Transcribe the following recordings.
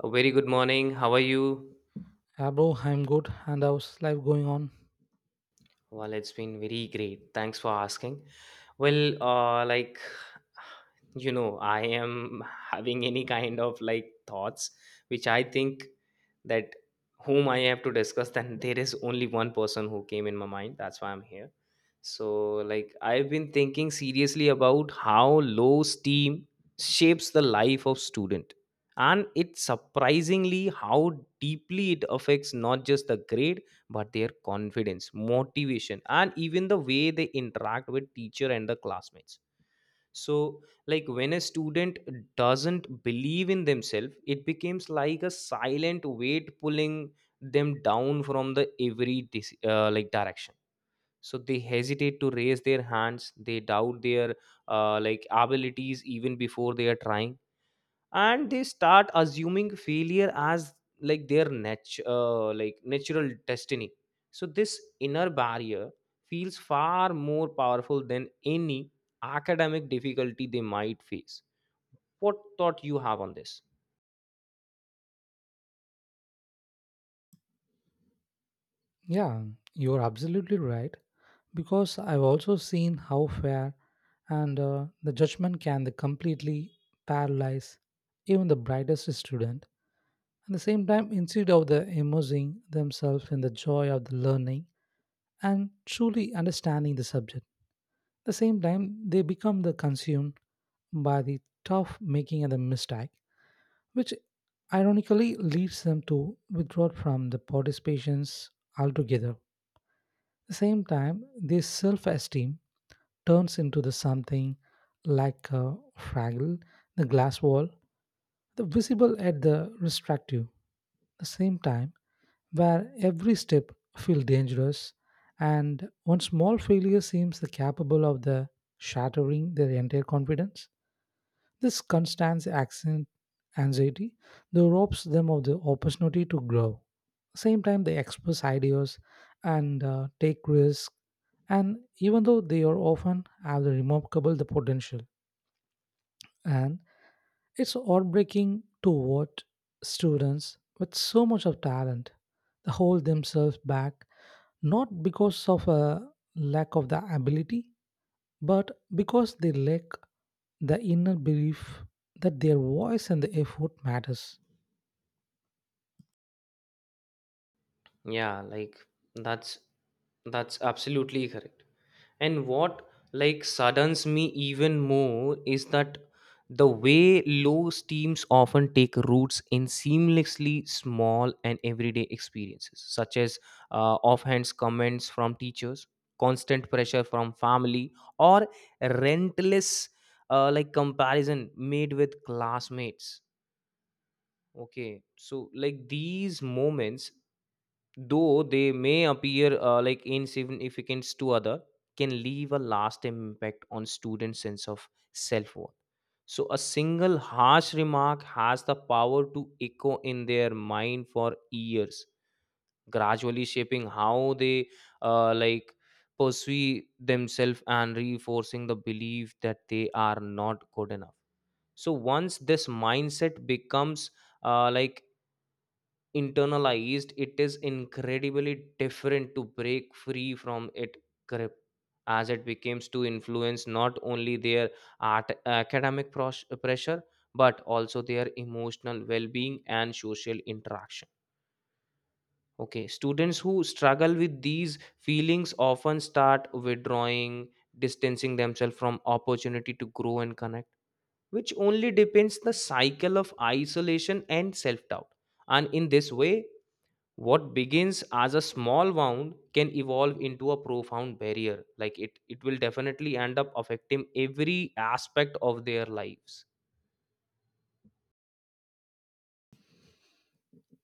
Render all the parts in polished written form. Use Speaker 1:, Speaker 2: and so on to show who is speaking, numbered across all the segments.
Speaker 1: A very good morning. How are you?
Speaker 2: Yeah, bro, I'm good. And how's life going on?
Speaker 1: Well, it's been very great. Thanks for asking. Well, I am having any kind of like thoughts, which I think that whom I have to discuss, then there is only one person who came in my mind. That's why I'm here. So, like, I've been thinking seriously about how low steam shapes the life of student. And it's surprisingly how deeply it affects not just the grade but their confidence motivation and even the way they interact with teacher and the classmates, so like when a student doesn't believe in themselves, it becomes like a silent weight pulling them down from the every direction. So they hesitate to raise their hands, they doubt their abilities even before they are trying, and they start assuming failure as like their natural destiny. So this inner barrier feels far more powerful than any academic difficulty they might face. What thought you have on this?
Speaker 2: Yeah, you're absolutely right. Because I've also seen how fair and the judgment can completely paralyze even the brightest student. At the same time, instead of the immersing themselves in the joy of the learning and truly understanding the subject, at the same time, they become the consumed by the tough making and the mistake which ironically leads them to withdraw from the participations altogether. At the same time, their self esteem turns into the something like a fraggle, the glass wall, the visible at the restrictive. At the same time, where every step feels dangerous and one small failure seems the capable of the shattering their entire confidence. This constant accent anxiety though robs them of the opportunity to grow. Same time they express ideas and take risks, and even though they are often have the remarkable the potential, and it's heartbreaking to watch students with so much of talent they hold themselves back not because of a lack of the ability but because they lack the inner belief that their voice and the effort matters.
Speaker 1: Yeah, like that's that's absolutely correct. And what like saddens me even more is that the way low steams often take roots in seamlessly small and everyday experiences, such as offhand comments from teachers, constant pressure from family, or relentless comparison made with classmates. Okay, so like these moments, though they may appear insignificant to other, can leave a lasting impact on students sense of self-worth. So a single harsh remark has the power to echo in their mind for years, gradually shaping how they uh, like pursue themselves and reinforcing the belief that they are not good enough. So once this mindset becomes uh, like internalized, it is incredibly different to break free from its grip, as it becomes to influence not only their art pressure but also their emotional well-being and social interaction. Okay, students who struggle with these feelings often start withdrawing, distancing themselves from opportunity to grow and connect, which only depends the cycle of isolation and self-doubt. And in this way, what begins as a small wound can evolve into a profound barrier, like it will definitely end up affecting every aspect of their lives.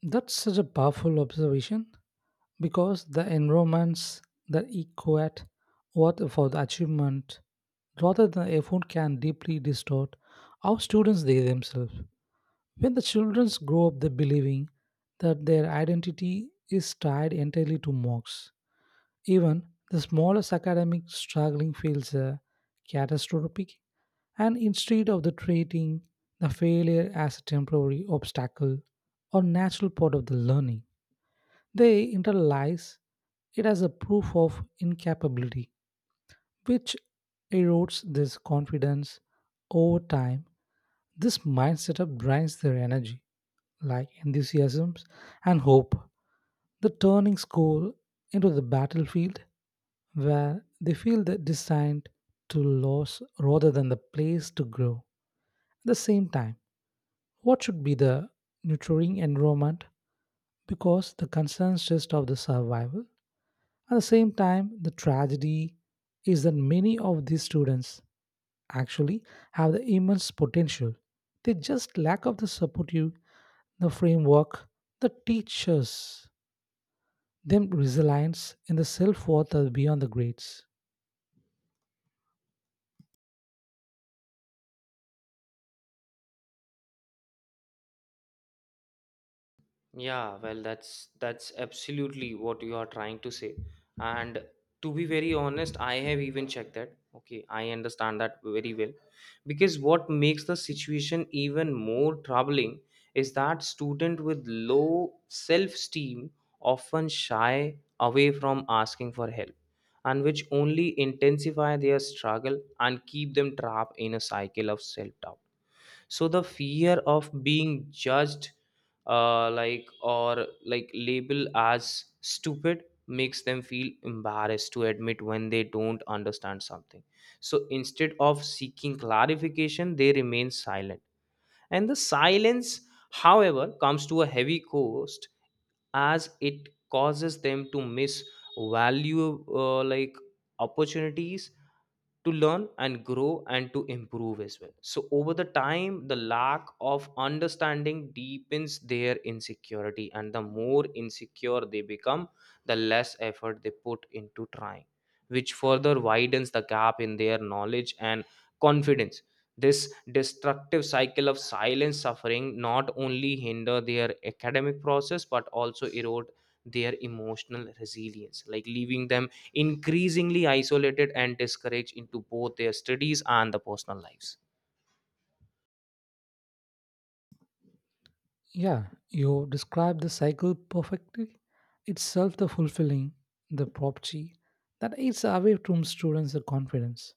Speaker 2: That's such a powerful observation because the environments that equate what for the achievement rather than effort can deeply distort how students they themselves. When the children grow up they believing that their identity is tied entirely to marks, even the smallest academic struggling feels catastrophic. And instead of the treating the failure as a temporary obstacle or natural part of the learning, they internalize it as a proof of incapability, which erodes this confidence over time. This mindset up drains their energy, like enthusiasms and hope. The turning school into the battlefield where they feel the designed to lose rather than the place to grow. At the same time, what should be the nurturing environment? Because the concerns just of the survival. At the same time, the tragedy is that many of these students actually have the immense potential. They just lack of the supportive, the framework, the teachers, them resilience and the self-worth are beyond the grades.
Speaker 1: Yeah, well, that's absolutely what you are trying to say. And to be very honest, I have even checked that. Okay, I understand that very well. Because what makes the situation even more troubling is that student with low self-esteem often shy away from asking for help, and which only intensify their struggle and keep them trapped in a cycle of self-doubt. So the fear of being judged or labeled as stupid makes them feel embarrassed to admit when they don't understand something. So instead of seeking clarification, they remain silent, and the silence however comes to a heavy cost, as it causes them to miss value opportunities to learn and grow and to improve as well. So over the time, the lack of understanding deepens their insecurity, and the more insecure they become, the less effort they put into trying, which further widens the gap in their knowledge and confidence. This destructive cycle of silent suffering not only hinder their academic process but also erode their emotional resilience, like leaving them increasingly isolated and discouraged into both their studies and the personal lives.
Speaker 2: Yeah, you described the cycle perfectly. Itself the fulfilling, the property that eats away from students the confidence.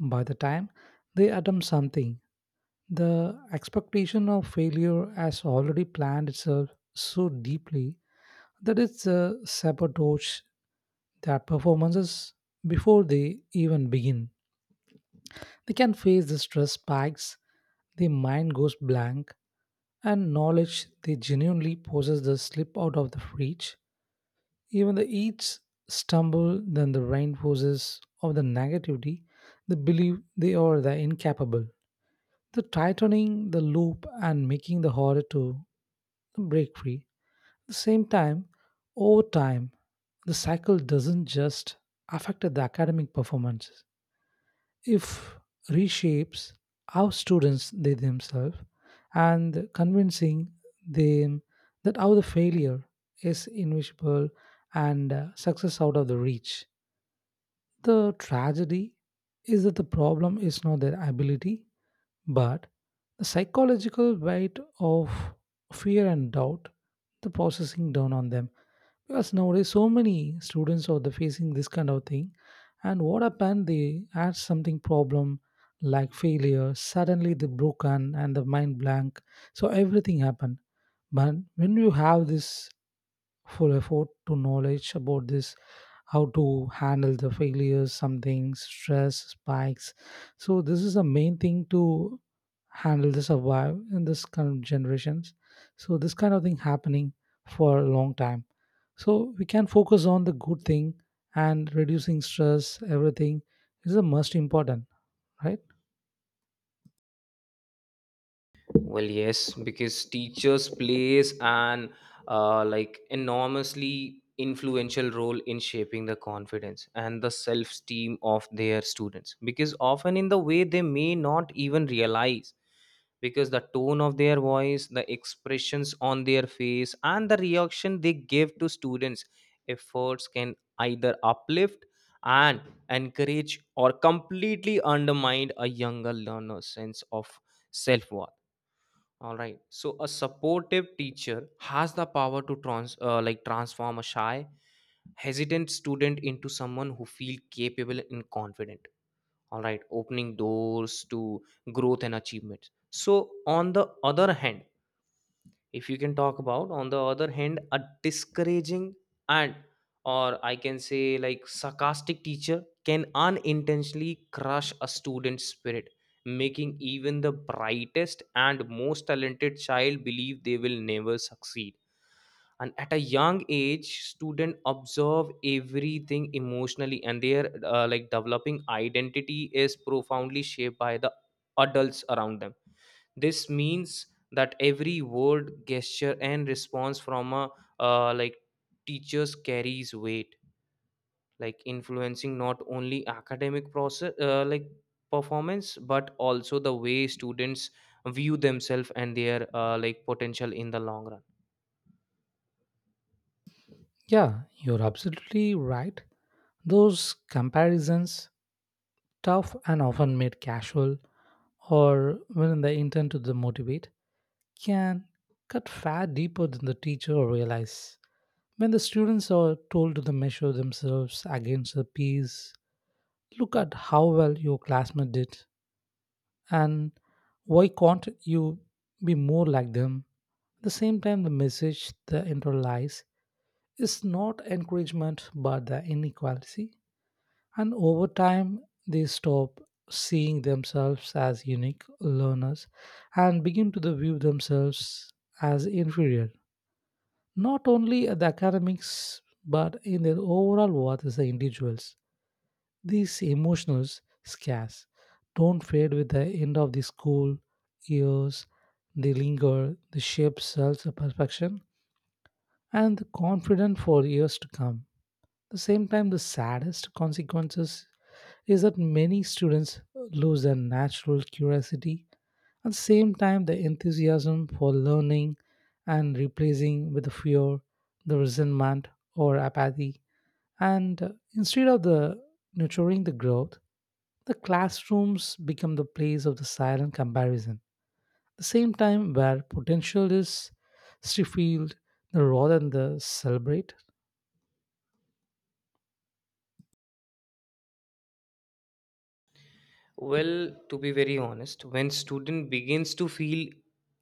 Speaker 2: By the time they attempt something, the expectation of failure has already planned itself so deeply that it's a sabotage their performances before they even begin. They can face the stress spikes, the mind goes blank, and knowledge they genuinely possess the slip out of the reach. Even the each stumble then the reinforces of the negativity, they believe they are the incapable, the tightening the loop and making the harder to break free. At the same time, over time, the cycle doesn't just affect the academic performances. If reshapes how students they themselves and convincing them that how the failure is invisible and success out of the reach. The tragedy is that the problem is not their ability, but the psychological weight of fear and doubt, the processing down on them. Because nowadays, so many students are the facing this kind of thing, and what happened? They had something problem like failure. Suddenly, they broken and the mind blank. So everything happened. But when you have this full effort to knowledge about this how to handle the failures something stress spikes, so this is the main thing to handle the survive in this kind of generations. So this kind of thing happening for a long time, so we can focus on the good thing, and reducing stress everything is the most important, right?
Speaker 1: Well, yes, because teachers plays an enormously influential role in shaping the confidence and the self-esteem of their students. Because often in the way they may not even realize, because the tone of their voice, the expressions on their face, and the reaction they give to students' efforts can either uplift and encourage or completely undermine a younger learner's sense of self-worth, all right. So a supportive teacher has the power to transform a shy, hesitant student into someone who feel capable and confident. All right, opening doors to growth and achievements. So on the other hand, if you can talk about on the other hand, a discouraging and or I can say like sarcastic teacher can unintentionally crush a student's spirit, making even the brightest and most talented child believe they will never succeed. And at a young age, student observe everything emotionally, and their developing identity is profoundly shaped by the adults around them. This means that every word gesture and response from a uh, like teachers carries weight, like influencing not only academic process like performance but also the way students view themselves and their potential in the long run.
Speaker 2: Yeah, you're absolutely right. Those comparisons tough and often made casual or when the intent to motivate can cut far deeper than the teacher realizes. When the students are told to measure themselves against the peers, look at how well your classmate did and why can't you be more like them? At the same time, the message the internalized is not encouragement but the inequality. And over time, they stop seeing themselves as unique learners and begin to the view themselves as inferior, not only at the academics, but in their overall worth as the individuals. These emotional scars don't fade with the end of the school years. They linger, they shape self-perfection and the confidence for years to come. At the same time, the saddest consequences is that many students lose their natural curiosity, at the same time the enthusiasm for learning, and replacing with the fear, the resentment, or apathy. And instead of the nurturing the growth, the classrooms become the place of the silent comparison, the same time where potential is stifled rather than the celebrate.
Speaker 1: Well, to be very honest, when student begins to feel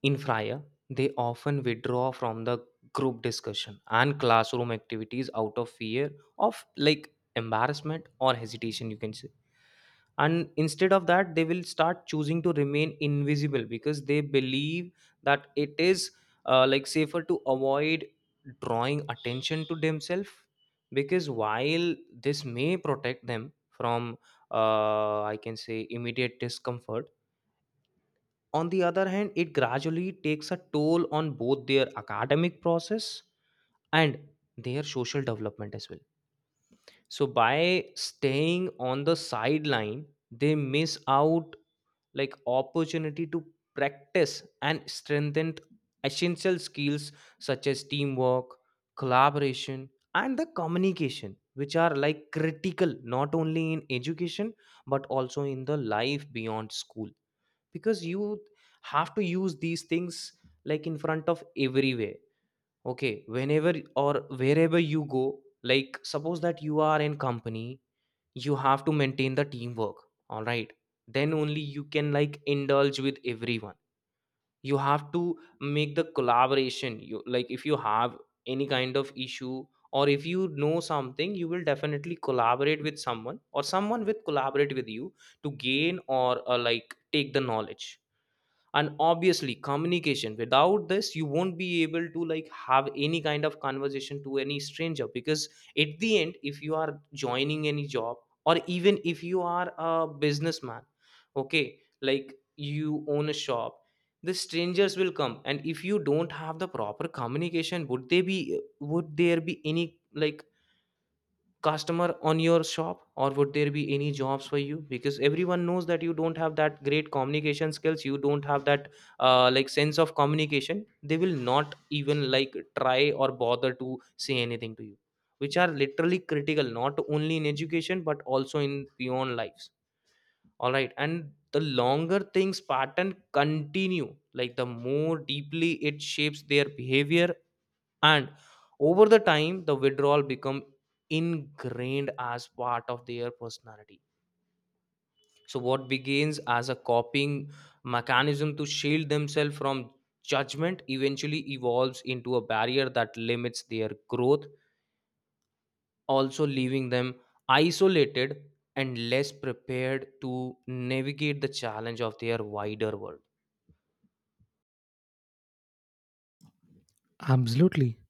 Speaker 1: inferior, they often withdraw from the group discussion and classroom activities out of fear of like embarrassment or hesitation, you can say. And instead of that, they will start choosing to remain invisible because they believe that it is safer to avoid drawing attention to themselves. Because while this may protect them from I can say immediate discomfort, on the other hand it gradually takes a toll on both their academic process and their social development as well. So by staying on the sideline, they miss out like opportunity to practice and strengthen essential skills such as teamwork, collaboration, and the communication, which are like critical not only in education but also in the life beyond school. Because you have to use these things like in front of everywhere. Okay, whenever or wherever you go, like suppose that you are in company, you have to maintain the teamwork, all right? Then only you can like indulge with everyone. You have to make the collaboration. You like, if you have any kind of issue, or if you know something, you will definitely collaborate with someone or someone will collaborate with you to gain or take the knowledge. And obviously communication, without this you won't be able to like have any kind of conversation to any stranger. Because at the end, if you are joining any job or even if you are a businessman, okay, like you own a shop, the strangers will come. And if you don't have the proper communication, would there be any like customer on your shop, or would there be any jobs for you? Because everyone knows that you don't have that great communication skills, you don't have that sense of communication. They will not even like try or bother to say anything to you, which are literally critical not only in education but also in beyond lives. All right, and the longer things pattern continue, like the more deeply it shapes their behavior. And over the time, the withdrawal become ingrained as part of their personality. So what begins as a coping mechanism to shield themselves from judgment eventually evolves into a barrier that limits their growth, also leaving them isolated and less prepared to navigate the challenge of their wider world.
Speaker 2: Absolutely.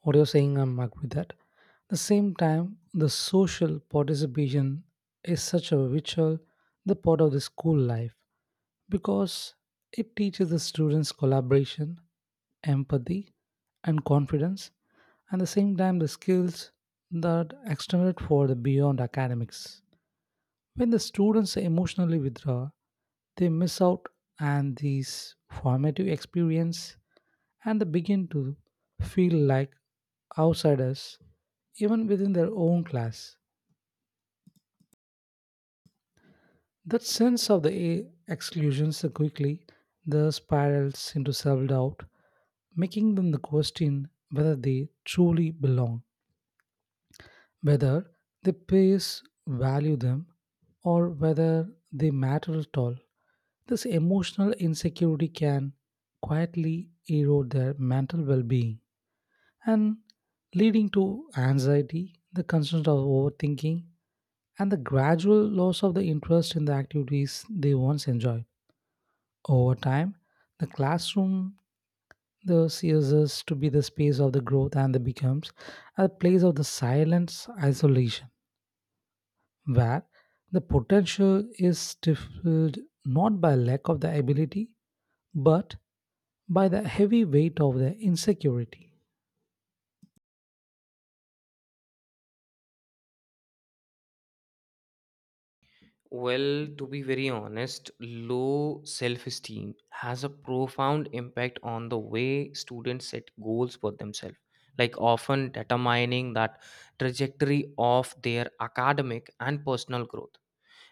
Speaker 2: What you're saying, I'm agree with that. At the same time, the social participation is such a vital the part of the school life, because it teaches the students collaboration, empathy, and confidence, and at the same time the skills that extended for the beyond academics. When the students emotionally withdraw, they miss out on these formative experience and they begin to feel like outsiders even within their own class. That sense of the exclusions so quickly the spirals into self-doubt, making them the question whether they truly belong, whether their peers value them, or whether they matter at all. This emotional insecurity can quietly erode their mental well-being, and leading to anxiety, the constant of overthinking, and the gradual loss of the interest in the activities they once enjoyed. Over time, the classroom the ceases to be the space of the growth and the becomes a place of the silence isolation where the potential is stifled not by lack of the ability but by the heavy weight of the insecurity.
Speaker 1: Well, to be very honest, low self esteem has a profound impact on the way students set goals for themselves, like often determining that trajectory of their academic and personal growth.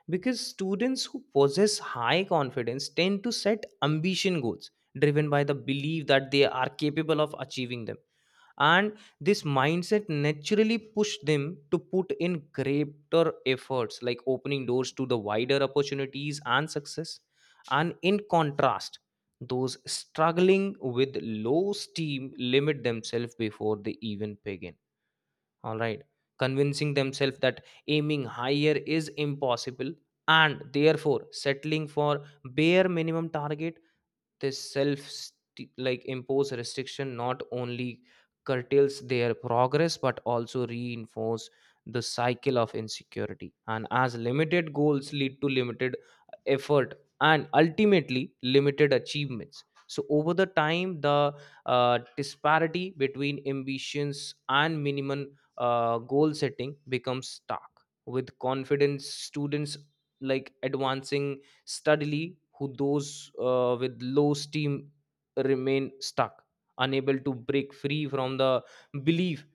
Speaker 1: Because students who possess high confidence tend to set ambition goals, driven by the belief that they are capable of achieving them, and this mindset naturally pushed them to put in greater efforts, like opening doors to the wider opportunities and success. And in contrast, those struggling with low steam limit themselves before they even begin, all right, convincing themselves that aiming higher is impossible and therefore settling for bare minimum target. This self st- like impose restriction not only curtails their progress but also reinforce the cycle of insecurity. And as limited goals lead to limited effort and ultimately limited achievements, so over the time, the disparity between ambitions and minimum goal setting becomes stark, with confidence students like advancing steadily, who those with low steam remain stuck, unable to break free from the belief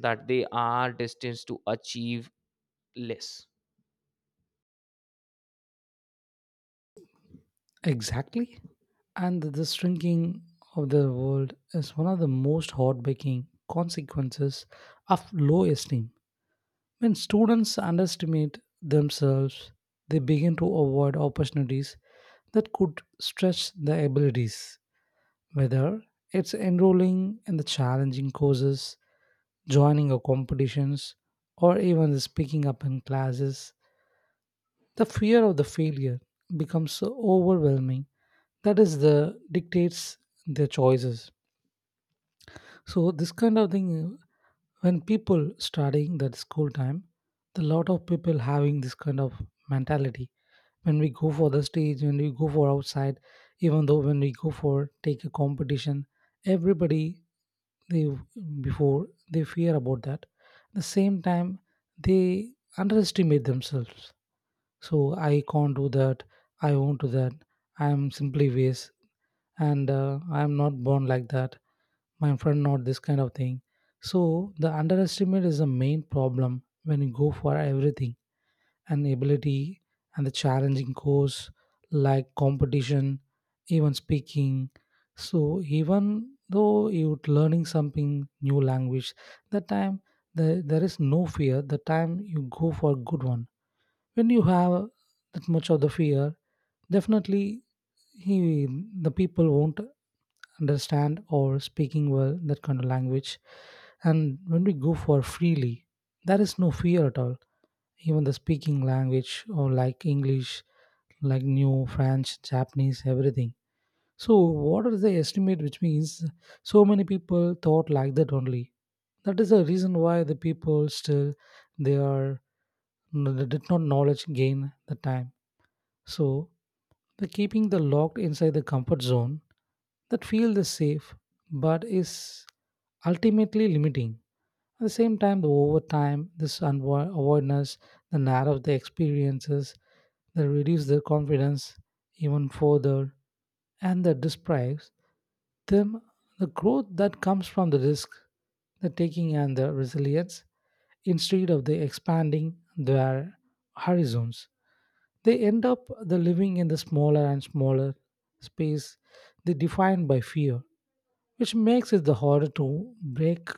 Speaker 1: that they are destined to achieve less.
Speaker 2: Exactly. And the shrinking of the world is one of the most heartbreaking consequences of low esteem. When students underestimate themselves, they begin to avoid opportunities that could stretch their abilities, whether it's enrolling in the challenging courses, joining a competitions, or even speaking up in classes. The fear of the failure becomes so overwhelming that is the dictates their choices. So this kind of thing, when people studying that school time, the lot of people having this kind of mentality. When we go for the stage, when we go for outside, even though when we go for take a competition, everybody they before they fear about that. The same time they underestimate themselves. So I can't do that. I won't do that. I am simply waste, and I am not born like that. My friend not this kind of thing. So the underestimate is the main problem when you go for everything and ability and the challenging course, like competition, even speaking. So even though you're learning something new language, that time there is no fear the time you go for good one. When you have that much of the fear, definitely he the people won't understand or speaking well that kind of language. And when we go for freely, there is no fear at all, even the speaking language or like English, like new French, Japanese, everything. So what is the estimate which means so many people thought like that only. That is the reason why the people still they are they did not knowledge gain the time. So the keeping the locked inside the comfort zone that feel the safe, but is ultimately limiting. At the same time, the over time, this awareness, the narrow the experiences, they reduce their confidence even further, and that deprives them the growth that comes from the risk, the taking, and the resilience. Instead of the expanding their horizons, they end up the living in the smaller and smaller space they defined by fear which makes it the harder to break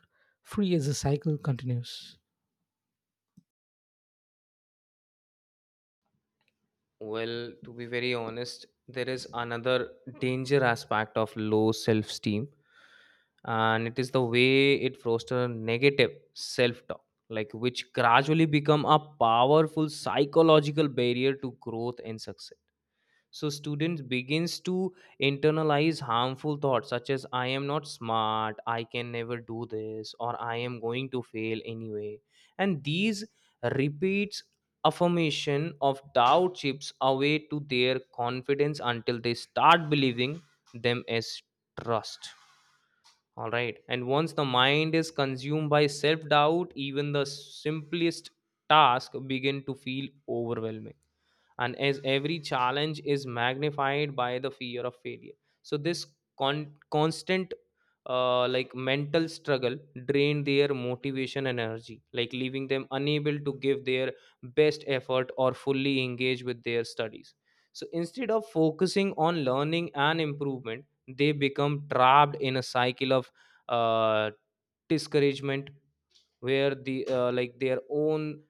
Speaker 2: free as the cycle continues.
Speaker 1: Well, to be very honest, there is another danger aspect of low self esteem, and it is the way it fosters negative self talk, like which gradually become a powerful psychological barrier to growth and success. So students begins to internalize harmful thoughts such as I am not smart, I can never do this, or I am going to fail anyway. And these repeats affirmation of doubt chips away to their confidence until they start believing them as trust. All right, and once the mind is consumed by self doubt, even the simplest task begin to feel overwhelming, and as every challenge is magnified by the fear of failure. So this con- constant like mental struggle drain their motivation and energy, like leaving them unable to give their best effort or fully engage with their studies. So instead of focusing on learning and improvement, they become trapped in a cycle of uh, discouragement, where the their own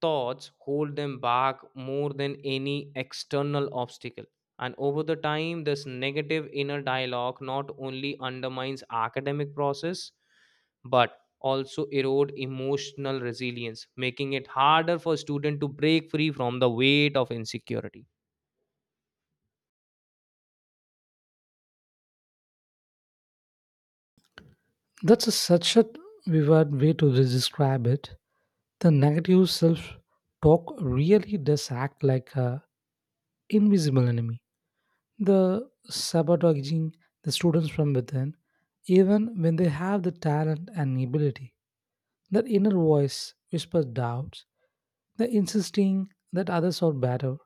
Speaker 1: thoughts hold them back more than any external obstacle. And over the time, this negative inner dialogue not only undermines academic process, but also erode emotional resilience, making it harder for student to break free from the weight of insecurity.
Speaker 2: That's a, such a vivid way to describe it. The negative self talk really does act like an invisible enemy. The sabotaging the students from within, even when they have the talent and ability. That inner voice whispers doubts, the insisting that others are better,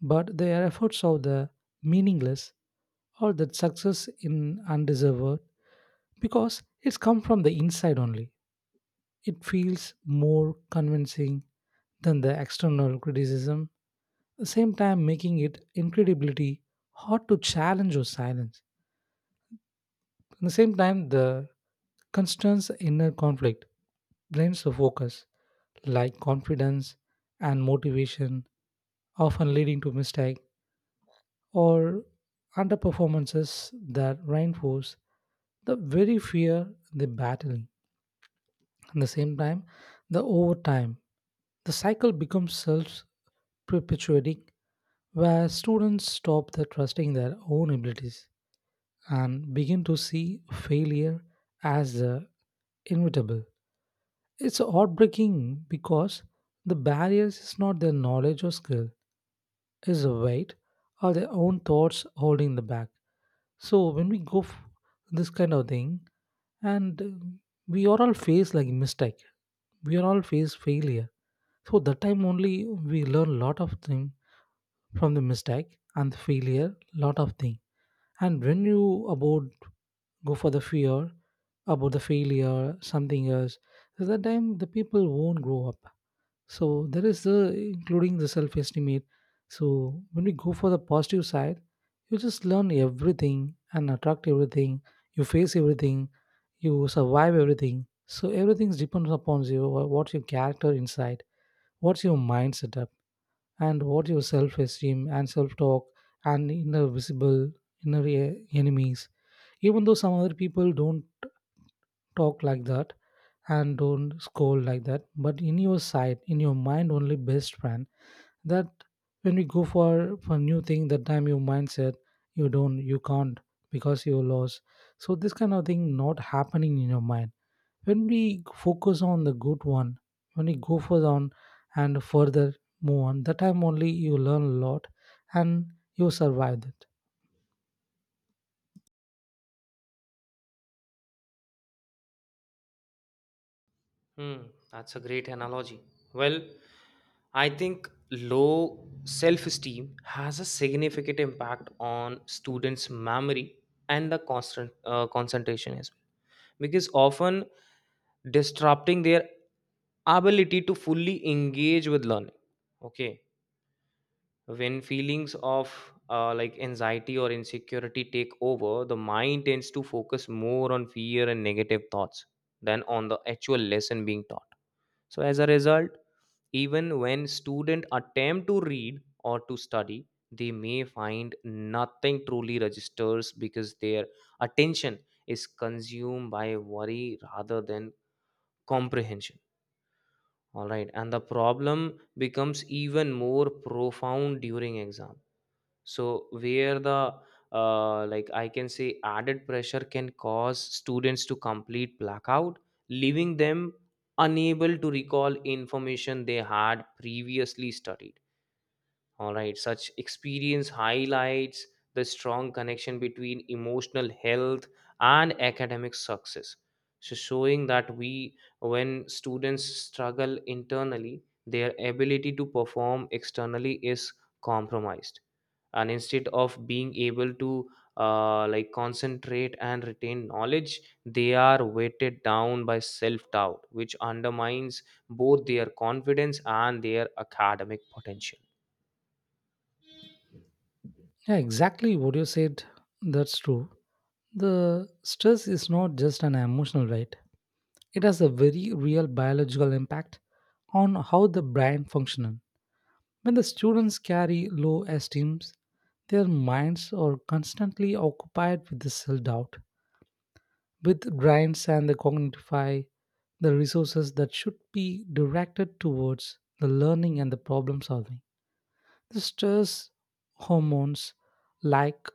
Speaker 2: but their efforts are the meaningless or that success in undeserved because it's come from the inside only. It feels more convincing than the external criticism, at the same time making it incredibly hard to challenge or silence. At the same time, the constant inner conflict blames the focus, like confidence and motivation, often leading to mistake or underperformances that reinforce the very fear they battle. At the same time, the overtime, the cycle becomes self perpetuating, where students stop the trusting their own abilities and begin to see failure as the inevitable. It's heartbreaking because the barriers is not their knowledge or skill, is the weight or their own thoughts holding them back. So when we go this kind of thing, and we are all face like mistake, we are all face failure. So that time only we learn lot of thing from the mistake and the failure, lot of thing. And when you about go for the fear about the failure, something else, at that time the people won't grow up. So there is the including the self estimate. So when we go for the positive side, you just learn everything and attract everything. You face everything, you survive everything. So everything depends upon you. What's your character inside? What's your mind setup? And what your self esteem and self talk and inner visible inner enemies. Even though some other people don't talk like that and don't scold like that, but in your side, in your mind, only best friend that when we go for new thing that time your mindset you don't you can't because you lost. So this kind of thing not happening in your mind when we focus on the good one, when we go further on and further move on, that time only you learn a lot and you survived it.
Speaker 1: Hmm, that's a great analogy. Well, I think low self esteem has a significant impact on students' memory and the constant concentration as well, because often disrupting their ability to fully engage with learning. Okay, when feelings of anxiety or insecurity take over, the mind tends to focus more on fear and negative thoughts than on the actual lesson being taught. So, as a result, even when students attempt to read or to study, they may find nothing truly registers because their attention is consumed by worry rather than comprehension. All right, and the problem becomes even more profound during exam. So where the I can say added pressure can cause students to complete blackout, leaving them unable to recall information they had previously studied. All right, such experience highlights the strong connection between emotional health and academic success. So, showing that we, when students struggle internally, their ability to perform externally is compromised. And instead of being able to concentrate and retain knowledge, they are weighted down by self doubt, which undermines both their confidence and their academic potential.
Speaker 2: Yeah, exactly what you said, that's true. The stress is not just an emotional, right? It has a very real biological impact on how the brain functions. When the students carry low esteem, their minds are constantly occupied with the self doubt, with drains and the cognitify, the resources that should be directed towards the learning and the problem solving. The stress hormones like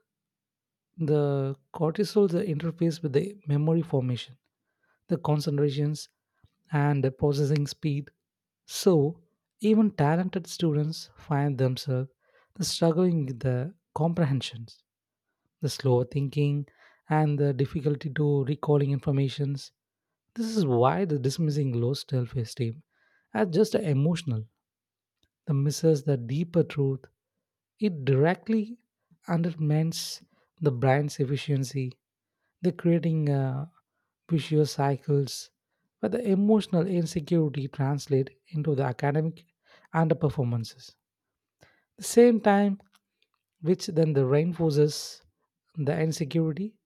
Speaker 2: the cortisol the interface with the memory formation, the concentrations and processing speed. So, even talented students find themselves struggling with the comprehensions, the slower thinking, and the difficulty to recalling informations. This is why the dismissing low self-esteem as just emotional, the misses the deeper truth. It directly undermines the brain's efficiency they're creating vicious cycles where the emotional insecurity translates into the academic and the performances. The same time, which then the reinforces the insecurity,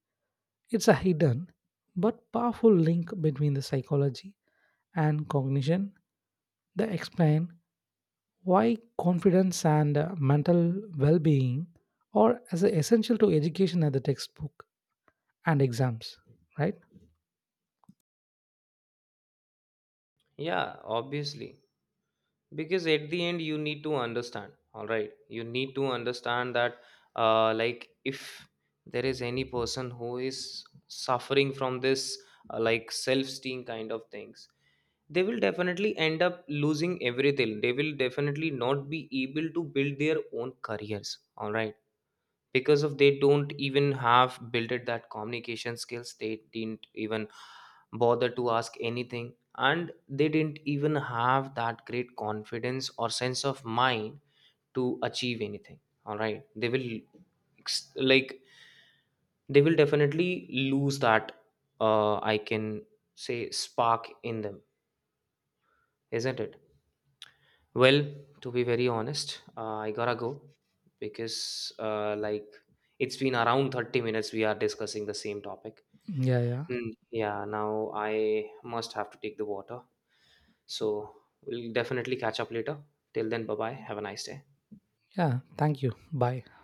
Speaker 2: it's a hidden but powerful link between the psychology and cognition that explain why confidence and mental well-being are as essential to education as the textbook and exams. Right?
Speaker 1: Yeah, obviously. Because at the end, you need to understand. All right. You need to understand that, if there is any person who is suffering from this, self esteem kind of things, they will definitely end up losing everything. They will definitely not be able to build their own careers. All right, because of they don't even have built that communication skills, they didn't even bother to ask anything, and they didn't even have that great confidence or sense of mind to achieve anything. All right, they will ex- like they will definitely lose that I can say spark in them, isn't it? Well, to be very honest, I gotta go because, it's been around 30 minutes we are discussing the same topic.
Speaker 2: Yeah, yeah.
Speaker 1: Mm, yeah, now I must have to take the water. So we'll definitely catch up later. Till then, bye bye. Have a nice day.
Speaker 2: Yeah. Thank you. Bye.